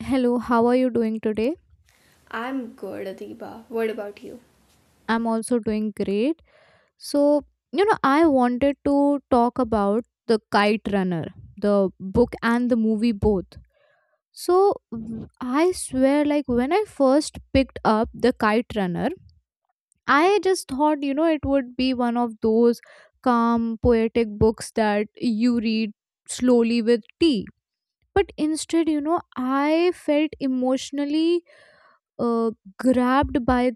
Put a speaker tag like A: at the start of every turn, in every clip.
A: Hello, how are you doing today?
B: I'm good, Adiba. What about you?
A: I'm also doing great. So, you know, I wanted to talk about The Kite Runner, the book and the movie both. So, I swear, like, when I first picked up The Kite Runner, I just thought, you know, it would be one of those calm, poetic books that you read slowly with tea. But instead, you know, I felt emotionally uh, grabbed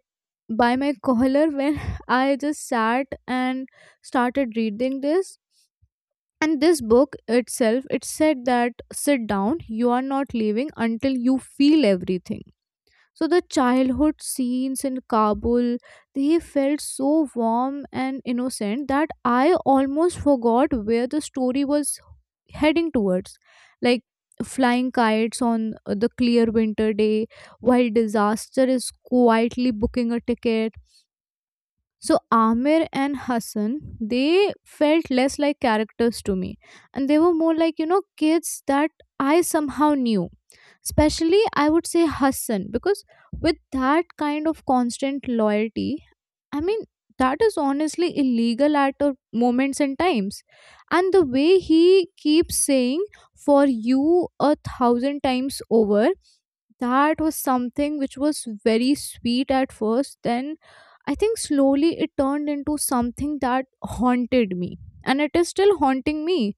A: by my collar when I just sat and started reading this. And this book itself, it said that sit down, you are not leaving until you feel everything. So the childhood scenes in Kabul, they felt so warm and innocent that I almost forgot where the story was heading towards. Like flying kites on the clear winter day, while disaster is quietly booking a ticket so Amir and Hassan, they felt less like characters to me. And they were more like, you know, kids that I somehow knew. Especially, I would say Hassan, because with that kind of constant loyalty, I mean, that is honestly illegal at a moments and times. And the way he keeps saying, for you a thousand times over, that was something which was very sweet at first, then I think slowly it turned into something that haunted me, and it is still haunting me,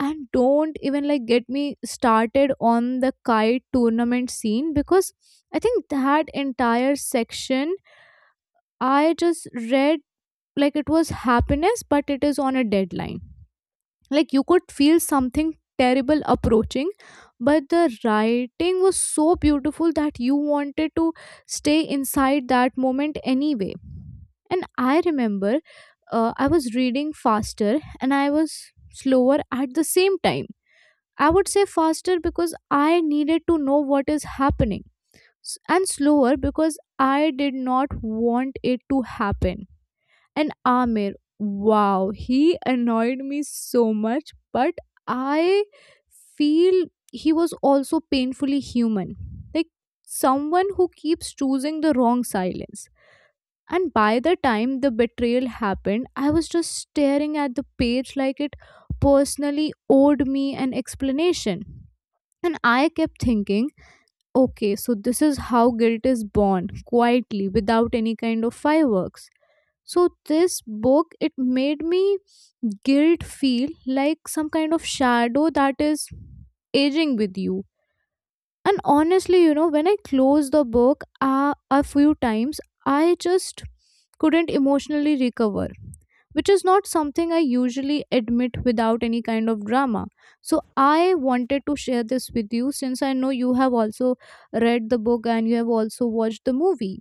A: and don't even like get me started on the kite tournament scene, because I think that entire section I just read like it was happiness but it is on a deadline. Like you could feel something terrible approaching, but the writing was so beautiful that you wanted to stay inside that moment anyway. And I remember I was reading faster and I was slower at the same time. I would say faster because I needed to know what is happening, and slower because I did not want it to happen. And Amir, wow, he annoyed me so much, but I feel he was also painfully human. Like someone who keeps choosing the wrong silence. And by the time the betrayal happened, I was just staring at the page like it personally owed me an explanation. And I kept thinking, okay, so this is how guilt is born, quietly, without any kind of fireworks. So this book, it made me guilt feel like some kind of shadow that is aging with you. And honestly, you know, when I closed the book, a few times I just couldn't emotionally recover, which is not something I usually admit without any kind of drama. So I wanted to share this with you since I know you have also read the book and you have also watched the movie.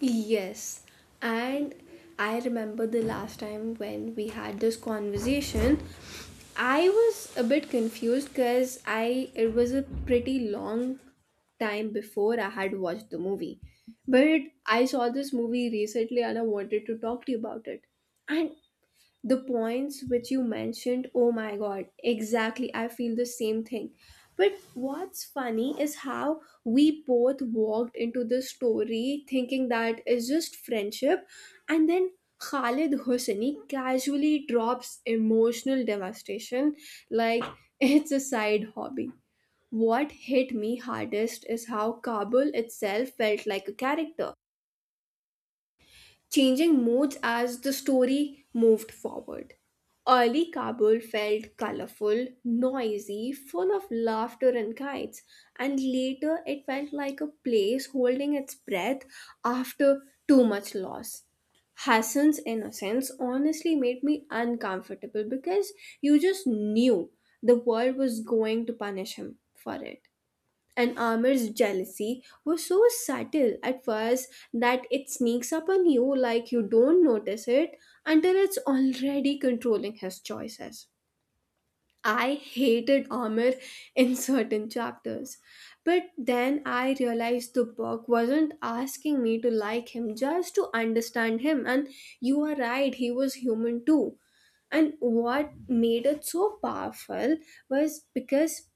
B: Yes, and I remember the last time when we had this conversation, I was a bit confused because I it was a pretty long time before I had watched the movie. But I saw this movie recently and I wanted to talk to you about it. And The points which you mentioned, oh my god, exactly. I feel the same thing. But what's funny is how we both walked into this story thinking that it's just friendship, and then Khalid Hosseini casually drops emotional devastation like it's a side hobby. What hit me hardest is how Kabul itself felt like a character changing moods as the story moved forward. Early Kabul felt colorful, noisy, full of laughter and kites, and later it felt like a place holding its breath after too much loss. Hassan's innocence honestly made me uncomfortable because you just knew the world was going to punish him for it, and Amir's jealousy were so subtle at first that it sneaks up on you, like you don't notice it until it's already controlling his choices. I hated Amir in certain chapters, but then I realized the book wasn't asking me to like him, just to understand him, and you are right, he was human too. And what made it so powerful was because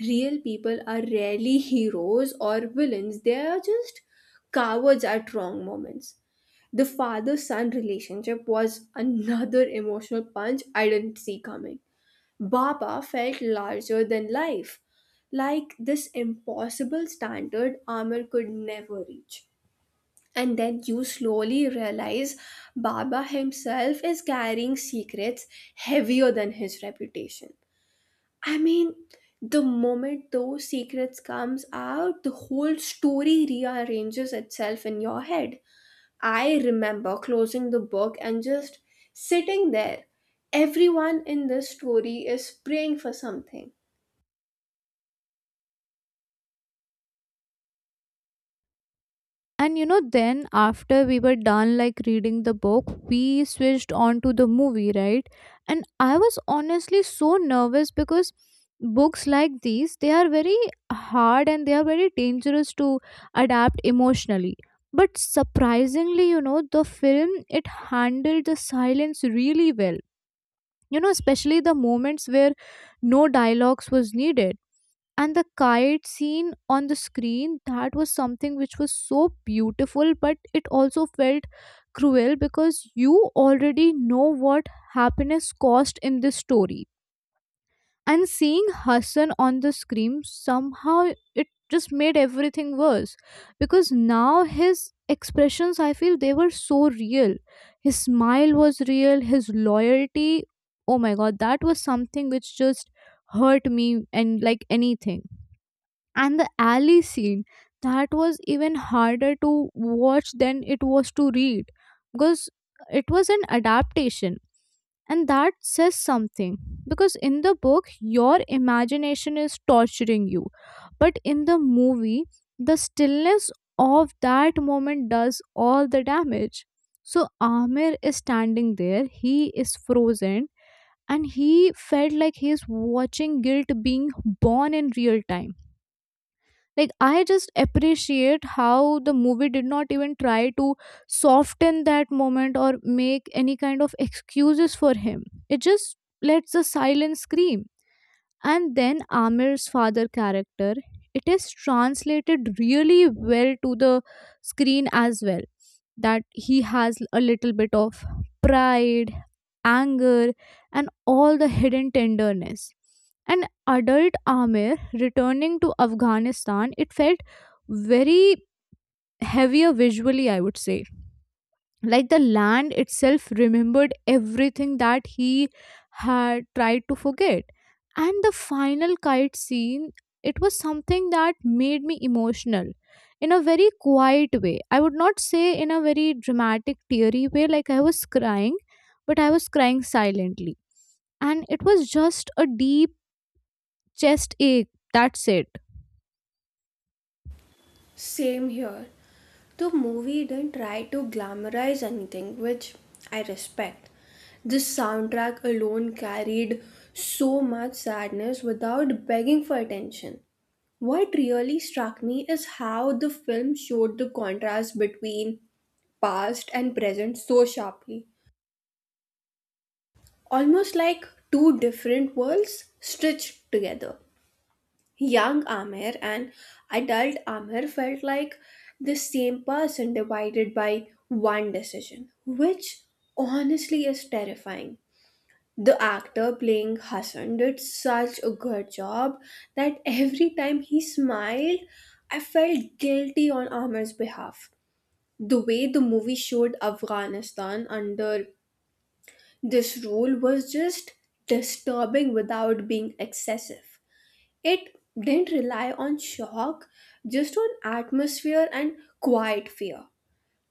B: real people are rarely heroes or villains, they are just cowards at wrong moments. The father son relationship was another emotional punch I didn't see coming. Baba felt larger than life, like this impossible standard Amir could never reach. And then you slowly realize Baba himself is carrying secrets heavier than his reputation. I mean, the moment those secrets comes out, the whole story rearranges itself in your head. I remember closing the book and just sitting there. Everyone in this story is praying for something.
A: And you know, then after we were done like reading the book, we switched on to the movie, right? And I was honestly so nervous because books like these, they are very hard and they are very dangerous to adapt emotionally. But surprisingly, you know, the film, it handled the silence really well. You know, especially the moments where no dialogues was needed, and the kite scene on the screen, that was something which was so beautiful but it also felt cruel because you already know what happiness cost in this story. And seeing Hassan on the screen somehow, it just made everything worse, because now his expressions, I feel, they were so real. His smile was real, his loyalty, oh my god, that was something which just hurt me and like anything. And the alley scene, that was even harder to watch than it was to read, because it was an adaptation, and that says something, because in the book your imagination is torturing you, but in the movie the stillness of that moment does all the damage. So Amir is standing there, he is frozen, and he felt like he is watching guilt being born in real time. Like, I just appreciate how the movie did not even try to soften that moment or make any kind of excuses for him. It just lets the silence scream. And then Amir's father character, it is translated really well to the screen as well, that he has a little bit of pride, anger, and all the hidden tenderness. An adult Amir returning to Afghanistan, it felt very heavier visually, I would say. Like the land itself remembered everything that he had tried to forget. And the final kite scene, it was something that made me emotional in a very quiet way. I would not say in a very dramatic, teary way, like I was crying, but I was crying silently, and it was just a deep chest ache. That's it.
B: Same here. The movie didn't try to glamorize anything, which I respect. The soundtrack alone carried so much sadness without begging for attention. What really struck me is how the film showed the contrast between past and present so sharply, almost like two different worlds stitched together. Young Amir and adult Amir felt like the same person divided by one decision, which honestly is terrifying. The actor playing Hassan did such a good job that every time he smiled, I felt guilty on Amir's behalf. The way the movie showed Afghanistan under this rule was just disturbing without being excessive. It didn't rely on shock, just on atmosphere and quiet fear.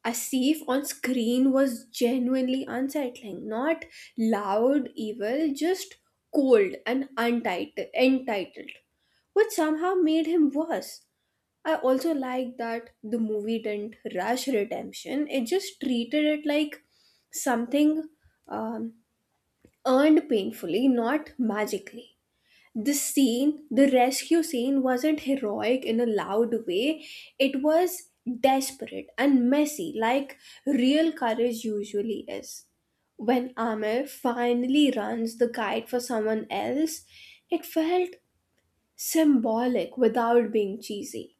B: Asif on screen was genuinely unsettling. Not loud evil, just cold and untitled, entitled, which somehow made him worse. I also like that the movie didn't rush redemption, it just treated it like something um, earned painfully, not magically. The scene, the rescue scene wasn't heroic in a loud way. It was desperate and messy, like real courage usually is. When Amir finally runs the kite for someone else, it felt symbolic without being cheesy.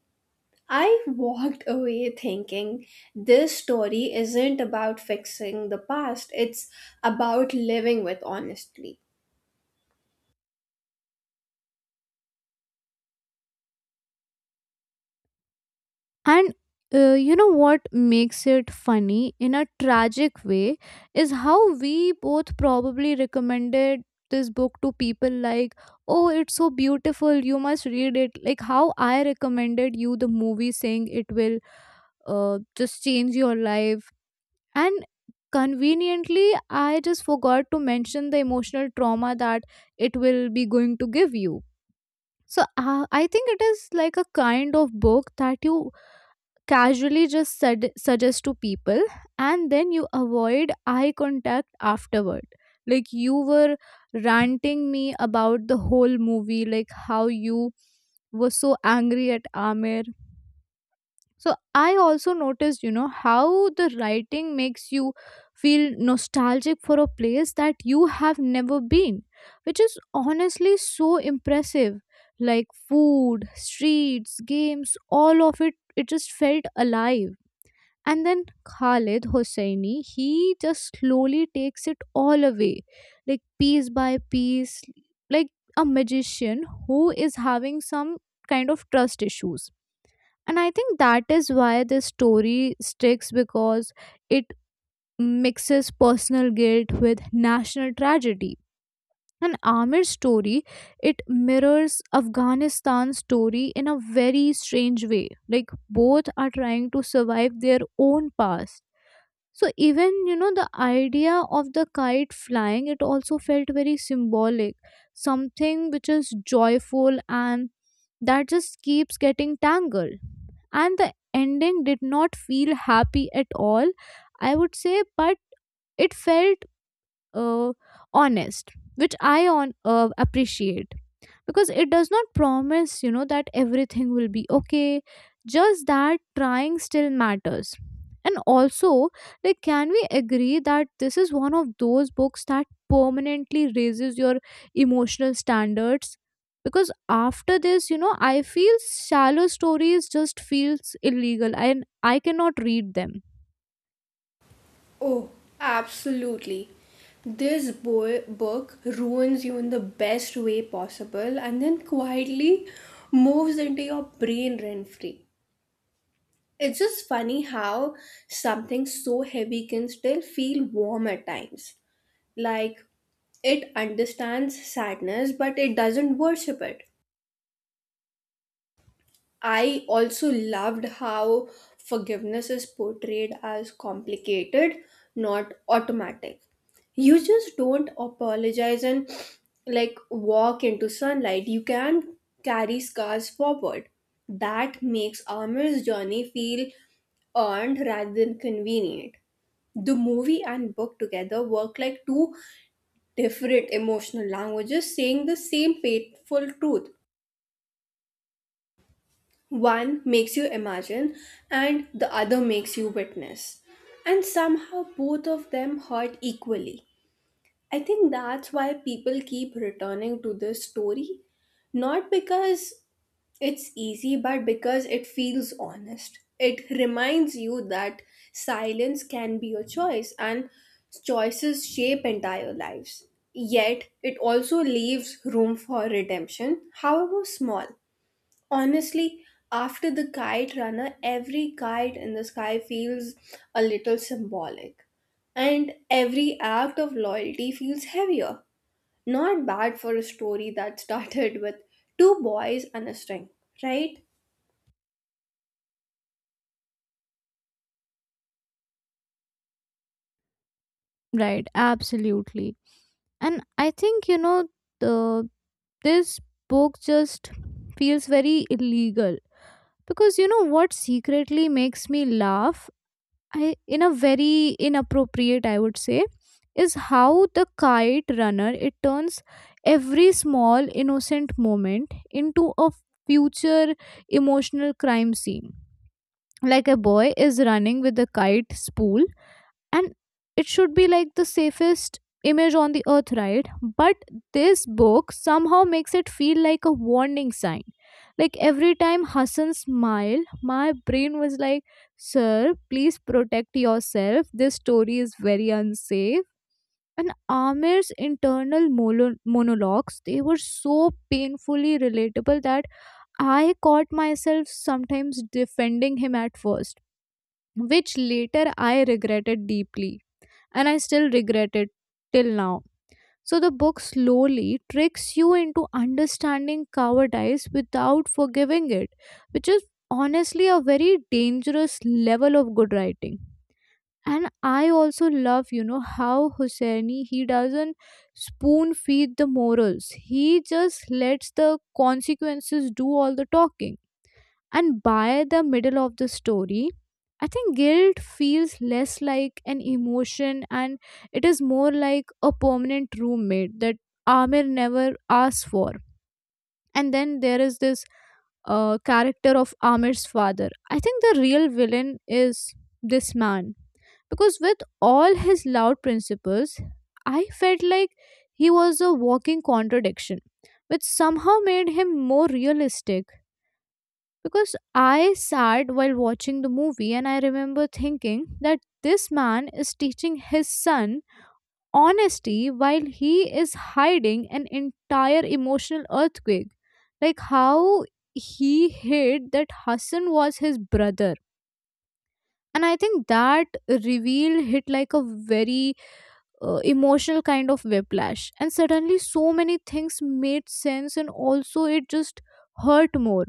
B: I walked away thinking this story isn't about fixing the past, it's about living with honestly.
A: And you know what makes it funny in a tragic way is how we both probably recommended this book to people like, oh, it's so beautiful, you must read it. Like how I recommended you the movie saying it will just change your life. And conveniently, I just forgot to mention the emotional trauma that it will be going to give you. So I think it is like a kind of book that you casually just suggest to people and then you avoid eye contact afterward. Like you were ranting me about the whole movie, like how you were so angry at Amir. So I also noticed, you know, how the writing makes you feel nostalgic for a place that you have never been, which is honestly so impressive. Like food, streets, games, all of it, it just felt alive. And then Khalid Hosseini, he just slowly takes it all away, like piece by piece, like a magician who is having some kind of trust issues. And I think that is why this story sticks, because it mixes personal guilt with national tragedy. And Amir's story, it mirrors Afghanistan's story in a very strange way. Like both are trying to survive their own past. So even, you know, the idea of the kite flying, it also felt very symbolic, something which is joyful and that just keeps getting tangled. And the ending did not feel happy at all, I would say, but it felt uh, honest, which I on appreciate, because it does not promise, you know, that everything will be okay, just that trying still matters. And also, like, can we agree that this is one of those books that permanently raises your emotional standards? Because after this, you know, I feel shallow stories just feels illegal and I cannot read them.
B: Oh, absolutely. This book ruins you in the best way possible and then quietly moves into your brain rent free. It's just funny how something so heavy can still feel warm at times. Like it understands sadness, but it doesn't worship it. I also loved how forgiveness is portrayed as complicated, not automatic. You just don't apologize and like walk into sunlight. You can carry scars forward. That makes Amir's journey feel earned rather than convenient. The movie and book together work like two different emotional languages saying the same painful truth. One makes you imagine, and the other makes you witness. And somehow both of them hurt equally. I think that's why people keep returning to this story. Not because it's easy, but because it feels honest. It reminds you that silence can be a choice, and choices shape entire lives. Yet, it also leaves room for redemption, however small. Honestly, after The Kite Runner, every kite in the sky feels a little symbolic. And every act of loyalty feels heavier. Not bad for a story that started with two boys and a string, right?
A: Right, absolutely. And I think, you know, the this book just feels very illegal, because you know what secretly makes me laugh, I, in a very inappropriate, I would say, is how the kite runner, it turns every small innocent moment into a future emotional crime scene. Like a boy is running with a kite spool, and it should be like the safest image on the earth, right? But this book somehow makes it feel like a warning sign. Like every time Hassan smiled, my brain was like, sir, please protect yourself, this story is very unsafe. And Amir's internal monologues, they were so painfully relatable that I caught myself sometimes defending him at first, which later I regretted deeply, and I still regret it till now. So the book slowly tricks you into understanding cowardice without forgiving it, which is honestly a very dangerous level of good writing. And I also love, you know, how Husseini, he doesn't spoon feed the morals. He just lets the consequences do all the talking. And by the middle of the story, I think guilt feels less like an emotion and it is more like a permanent roommate that Amir never asks for. And then there is this character of Amir's father. I think the real villain is this man, because with all his loud principles, I felt like he was a walking contradiction, which somehow made him more realistic. Because I sat while watching the movie and I remember thinking that this man is teaching his son honesty while he is hiding an entire emotional earthquake. Like how he hid that Hassan was his brother. And I think that reveal hit like a very emotional kind of whiplash. And suddenly, so many things made sense, and also it just hurt more.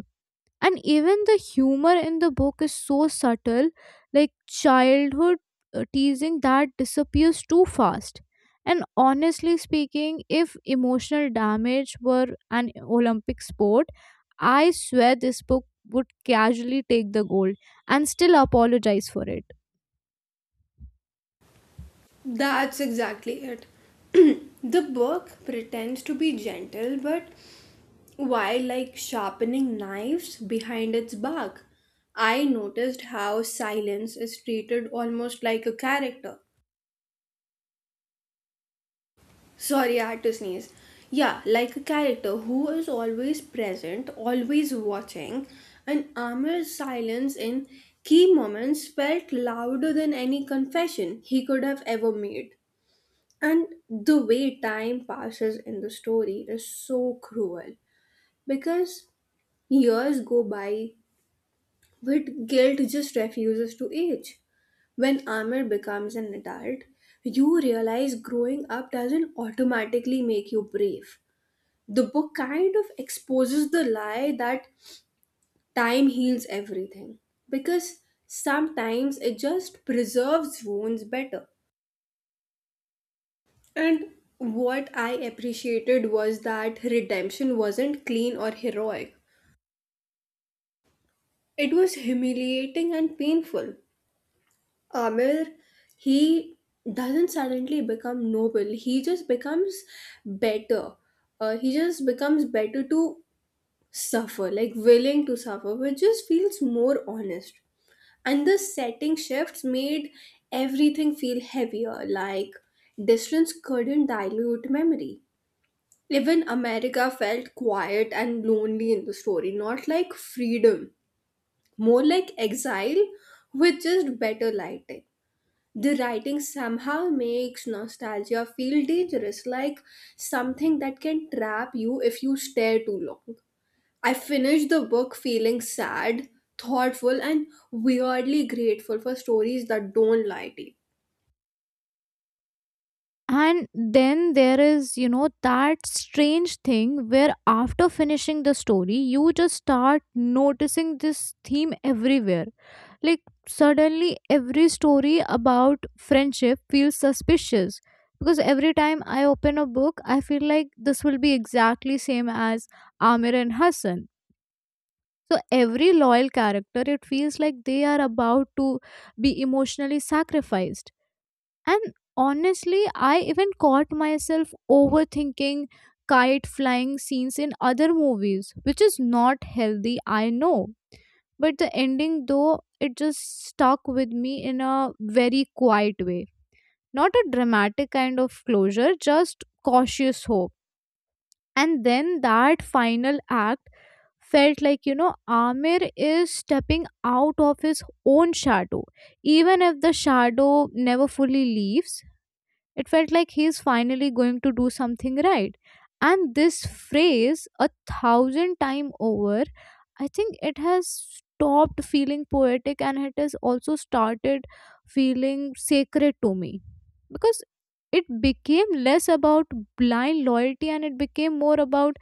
A: And even the humor in the book is so subtle, like childhood teasing that disappears too fast. And honestly speaking, if emotional damage were an olympic sport, I swear this book would casually take the gold and still apologize for it.
B: That's exactly it. The book pretends to be gentle, but why like sharpening knives behind its back. I noticed how silence is treated almost like a character. Sorry, I had to sneeze. Yeah, like a character who is always present, always watching, and Amir's silence in key moments felt louder than any confession he could have ever made. And the way time passes in the story is so cruel because years go by with guilt just refuses to age. When Amir becomes an adult, you realize growing up doesn't automatically make you brave. The book kind of exposes the lie that time heals everything, because sometimes it just preserves wounds better. And what I appreciated was that redemption wasn't clean or heroic, it was humiliating and painful. Amir, he doesn't suddenly become noble, he just becomes better. He just becomes better to suffer, like willing to suffer, which just feels more honest. And the setting shifts made everything feel heavier, like distance couldn't dilute memory. Even America felt quiet and lonely in the story, not like freedom, more like exile with just better lighting. The writing somehow makes nostalgia feel dangerous, like something that can trap you if you stare too long. I finished the book feeling sad, thoughtful, and weirdly grateful for stories that don't lie to you.
A: And then there is, you know, that strange thing where after finishing the story, you just start noticing this theme everywhere. Like, suddenly, every story about friendship feels suspicious, because every time I open a book, I feel like this will be exactly same as Amir and Hassan. So, every loyal character, it feels like they are about to be emotionally sacrificed, and honestly, I even caught myself overthinking kite flying scenes in other movies, which is not healthy, I know. But the ending, though, it just stuck with me in a very quiet way. Not a dramatic kind of closure, just cautious hope. And then that final act felt like, you know, Amir is stepping out of his own shadow. Even if the shadow never fully leaves, it felt like he's finally going to do something right. And this phrase, a thousand time over, I think it has stopped feeling poetic, and it has also started feeling sacred to me, because it became less about blind loyalty and it became more about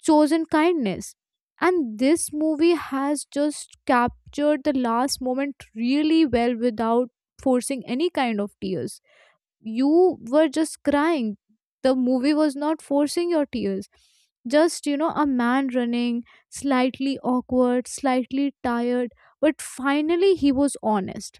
A: chosen kindness. And this movie has just captured the last moment really well without forcing any kind of tears. You were just crying. The movie was not forcing your tears, just, you know, a man running, slightly awkward, slightly tired, but finally he was honest.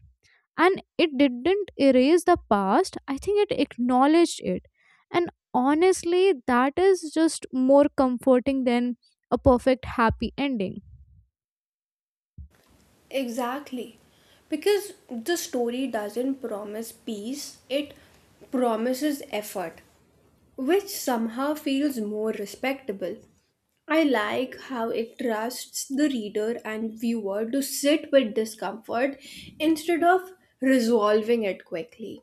A: And it didn't erase the past, I think it acknowledged it. And honestly, that is just more comforting than a perfect happy ending.
B: Exactly. Because the story doesn't promise peace, it promises effort, which somehow feels more respectable. I like how it trusts the reader and viewer to sit with discomfort instead of resolving it quickly.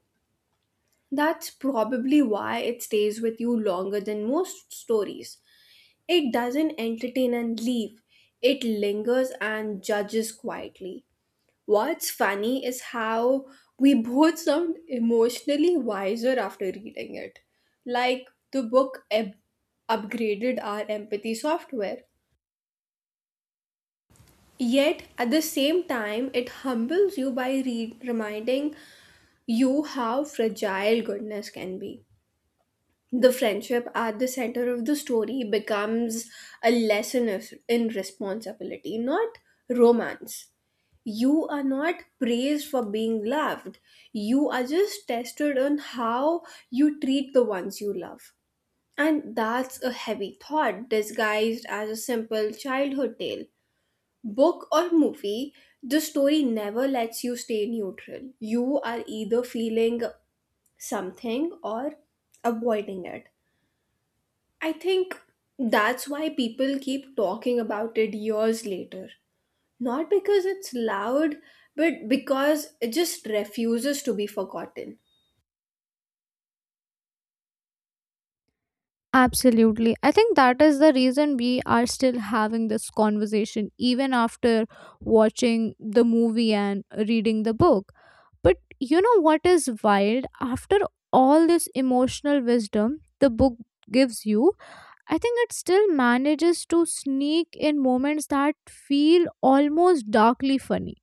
B: That's probably why it stays with you longer than most stories. It doesn't entertain and leave, it lingers and judges quietly. What's funny is how we both sound emotionally wiser after reading it. Like the book upgraded our empathy software. Yet, at the same time, it humbles you by reminding you how fragile goodness can be. The friendship at the center of the story becomes a in responsibility, not romance. You are not praised for being loved. You are just tested on how you treat the ones you love. And that's a heavy thought disguised as a simple childhood tale. Book or movie, the story never lets you stay neutral. You are either feeling something or avoiding it. I think that's why people keep talking about it years later. Not because it's loud, but because it just refuses to be forgotten.
A: Absolutely. I think that is the reason we are still having this conversation, even after watching the movie and reading the book. But you know what is wild? After all this emotional wisdom the book gives you, I think it still manages to sneak in moments that feel almost darkly funny.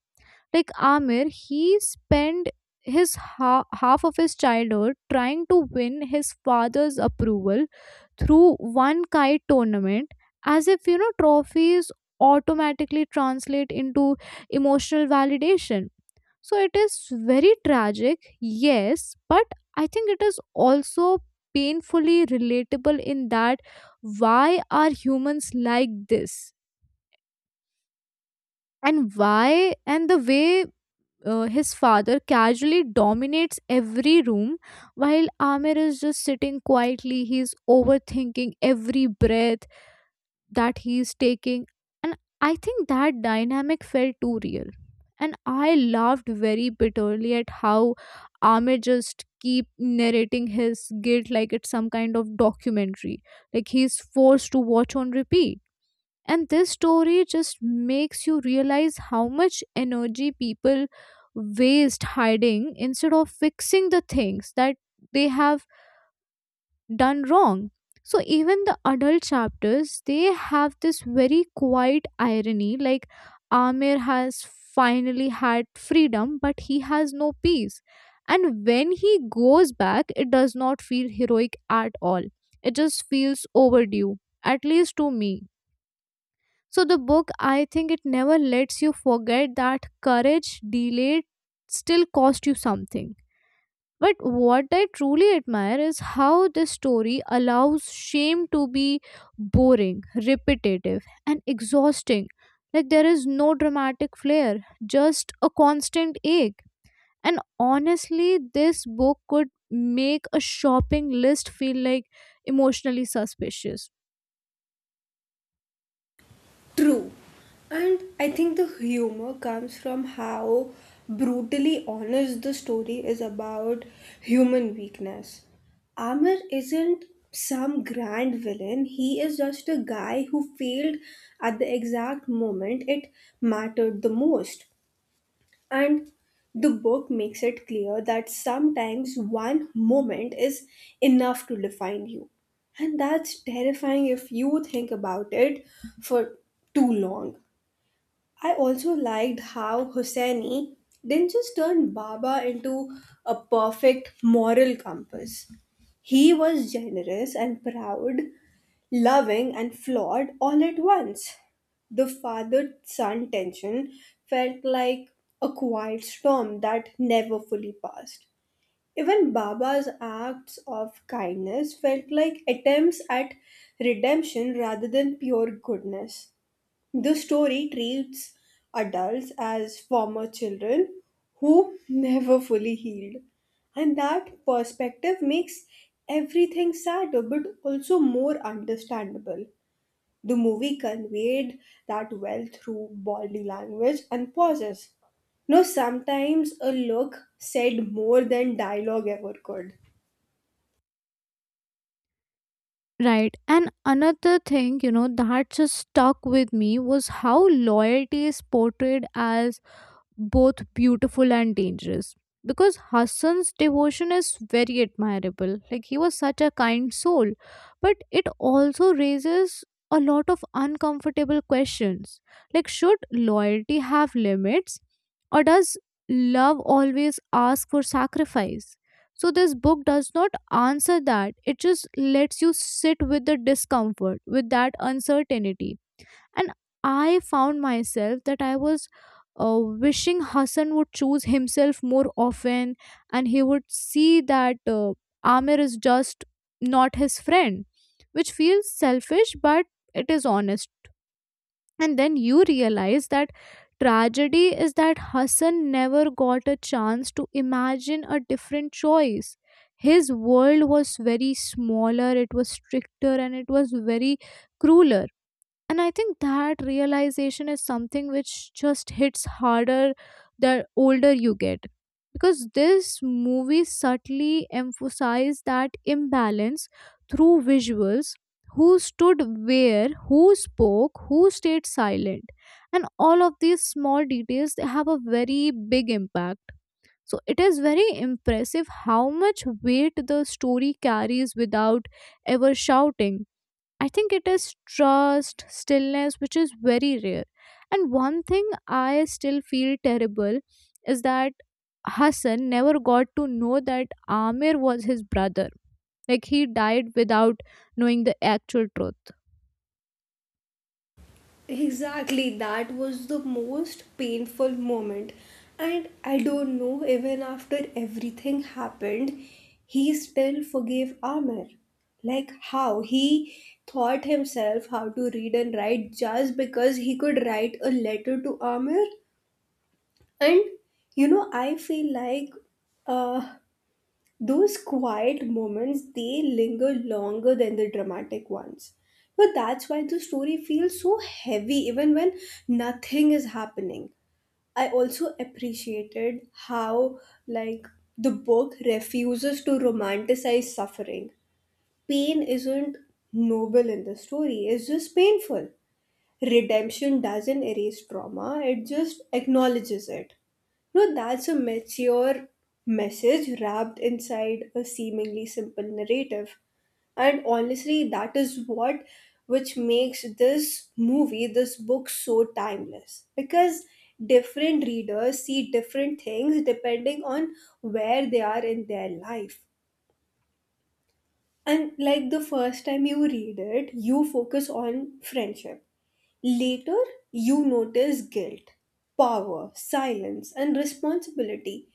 A: Like Amir, he spent half of his childhood trying to win his father's approval through one kite tournament, as if, you know, trophies automatically translate into emotional validation. So it is very tragic, yes, but I think it is also painfully relatable in that, why are humans like this? And why, and the way his father casually dominates every room while Amir is just sitting quietly. He's overthinking every breath that he's taking. And I think that dynamic felt too real, and I laughed very bitterly at how Amir just keep narrating his guilt like it's some kind of documentary, like he's forced to watch on repeat. And this story just makes you realize how much energy people waste hiding instead of fixing the things that they have done wrong. So even the adult chapters, they have this very quiet irony, like Amir has finally had freedom, but he has no peace. And when he goes back, it does not feel heroic at all. It just feels overdue, at least to me. So the book, I think it never lets you forget that courage delayed still cost you something. But what I truly admire is how this story allows shame to be boring, repetitive, and exhausting. Like there is no dramatic flair, just a constant ache. And honestly, this book could make a shopping list feel like emotionally suspicious.
B: True. And I think the humor comes from how brutally honest the story is about human weakness. Amr isn't some grand villain, he is just a guy who failed at the exact moment it mattered the most. And the book makes it clear that sometimes one moment is enough to define you. And that's terrifying if you think about it for too long. I also liked how Hosseini didn't just turn Baba into a perfect moral compass. He was generous and proud, loving and flawed all at once. The father son tension felt like a quiet storm that never fully passed. Even Baba's acts of kindness felt like attempts at redemption rather than pure goodness. The story treats adults as former children who never fully healed. And that perspective makes everything sadder but also more understandable. The movie conveyed that well through body language and pauses. No, sometimes a look said more than dialogue ever could.
A: Right. And another thing, you know, that just stuck with me was how loyalty is portrayed as both beautiful and dangerous, because Hassan's devotion is very admirable. Like he was such a kind soul, but it also raises a lot of uncomfortable questions. Like, should loyalty have limits, or does love always ask for sacrifice? So this book does not answer that. It just lets you sit with the discomfort, with that uncertainty. And I found myself that I was uh, wishing Hassan would choose himself more often, and he would see that Amir is just not his friend, which feels selfish, but it is honest. And then you realize that tragedy is that Hassan never got a chance to imagine a different choice. His world was very smaller, it was stricter, and it was very crueler. And I think that realization is something which just hits harder the older you get, because this movie subtly emphasized that imbalance through visuals. Who stood where, who spoke, who stayed silent, and all of these small details, they have a very big impact. So it is very impressive how much weight the story carries without ever shouting. I think it is trust, stillness, which is very rare. And one thing I still feel terrible is that Hassan never got to know that Amir was his brother. Like he died without knowing the actual truth.
B: Exactly, that was the most painful moment. And I don't know, even after everything happened, he still forgave Amir. Like how he taught himself how to read and write just because he could write a letter to Amir. And you know, I feel like uh, those quiet moments, they linger longer than the dramatic ones. But that's why the story feels so heavy even when nothing is happening. I also appreciated how, like, the book refuses to romanticize suffering. Pain isn't noble in the story, it's just painful. Redemption doesn't erase trauma, it just acknowledges it. No, that's a mature message wrapped inside a seemingly simple narrative. And honestly, that is what which makes this movie, this book so timeless. Because different readers see different things depending on where they are in their life. And like the first time you read it, you focus on friendship. Later, you notice guilt, power, silence, and responsibility.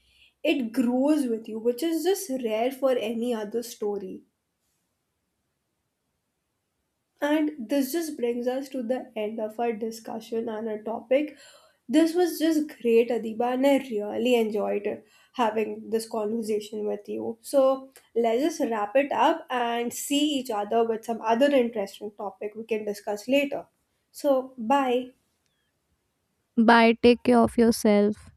B: It grows with you, which is just rare for any other story. And this just brings us to the end of our discussion on our topic. This was just great, Adiba, and I really enjoyed having this conversation with you. So let's just wrap it up and see each other with some other interesting topic we can discuss later. So, bye.
A: Bye, take care of yourself.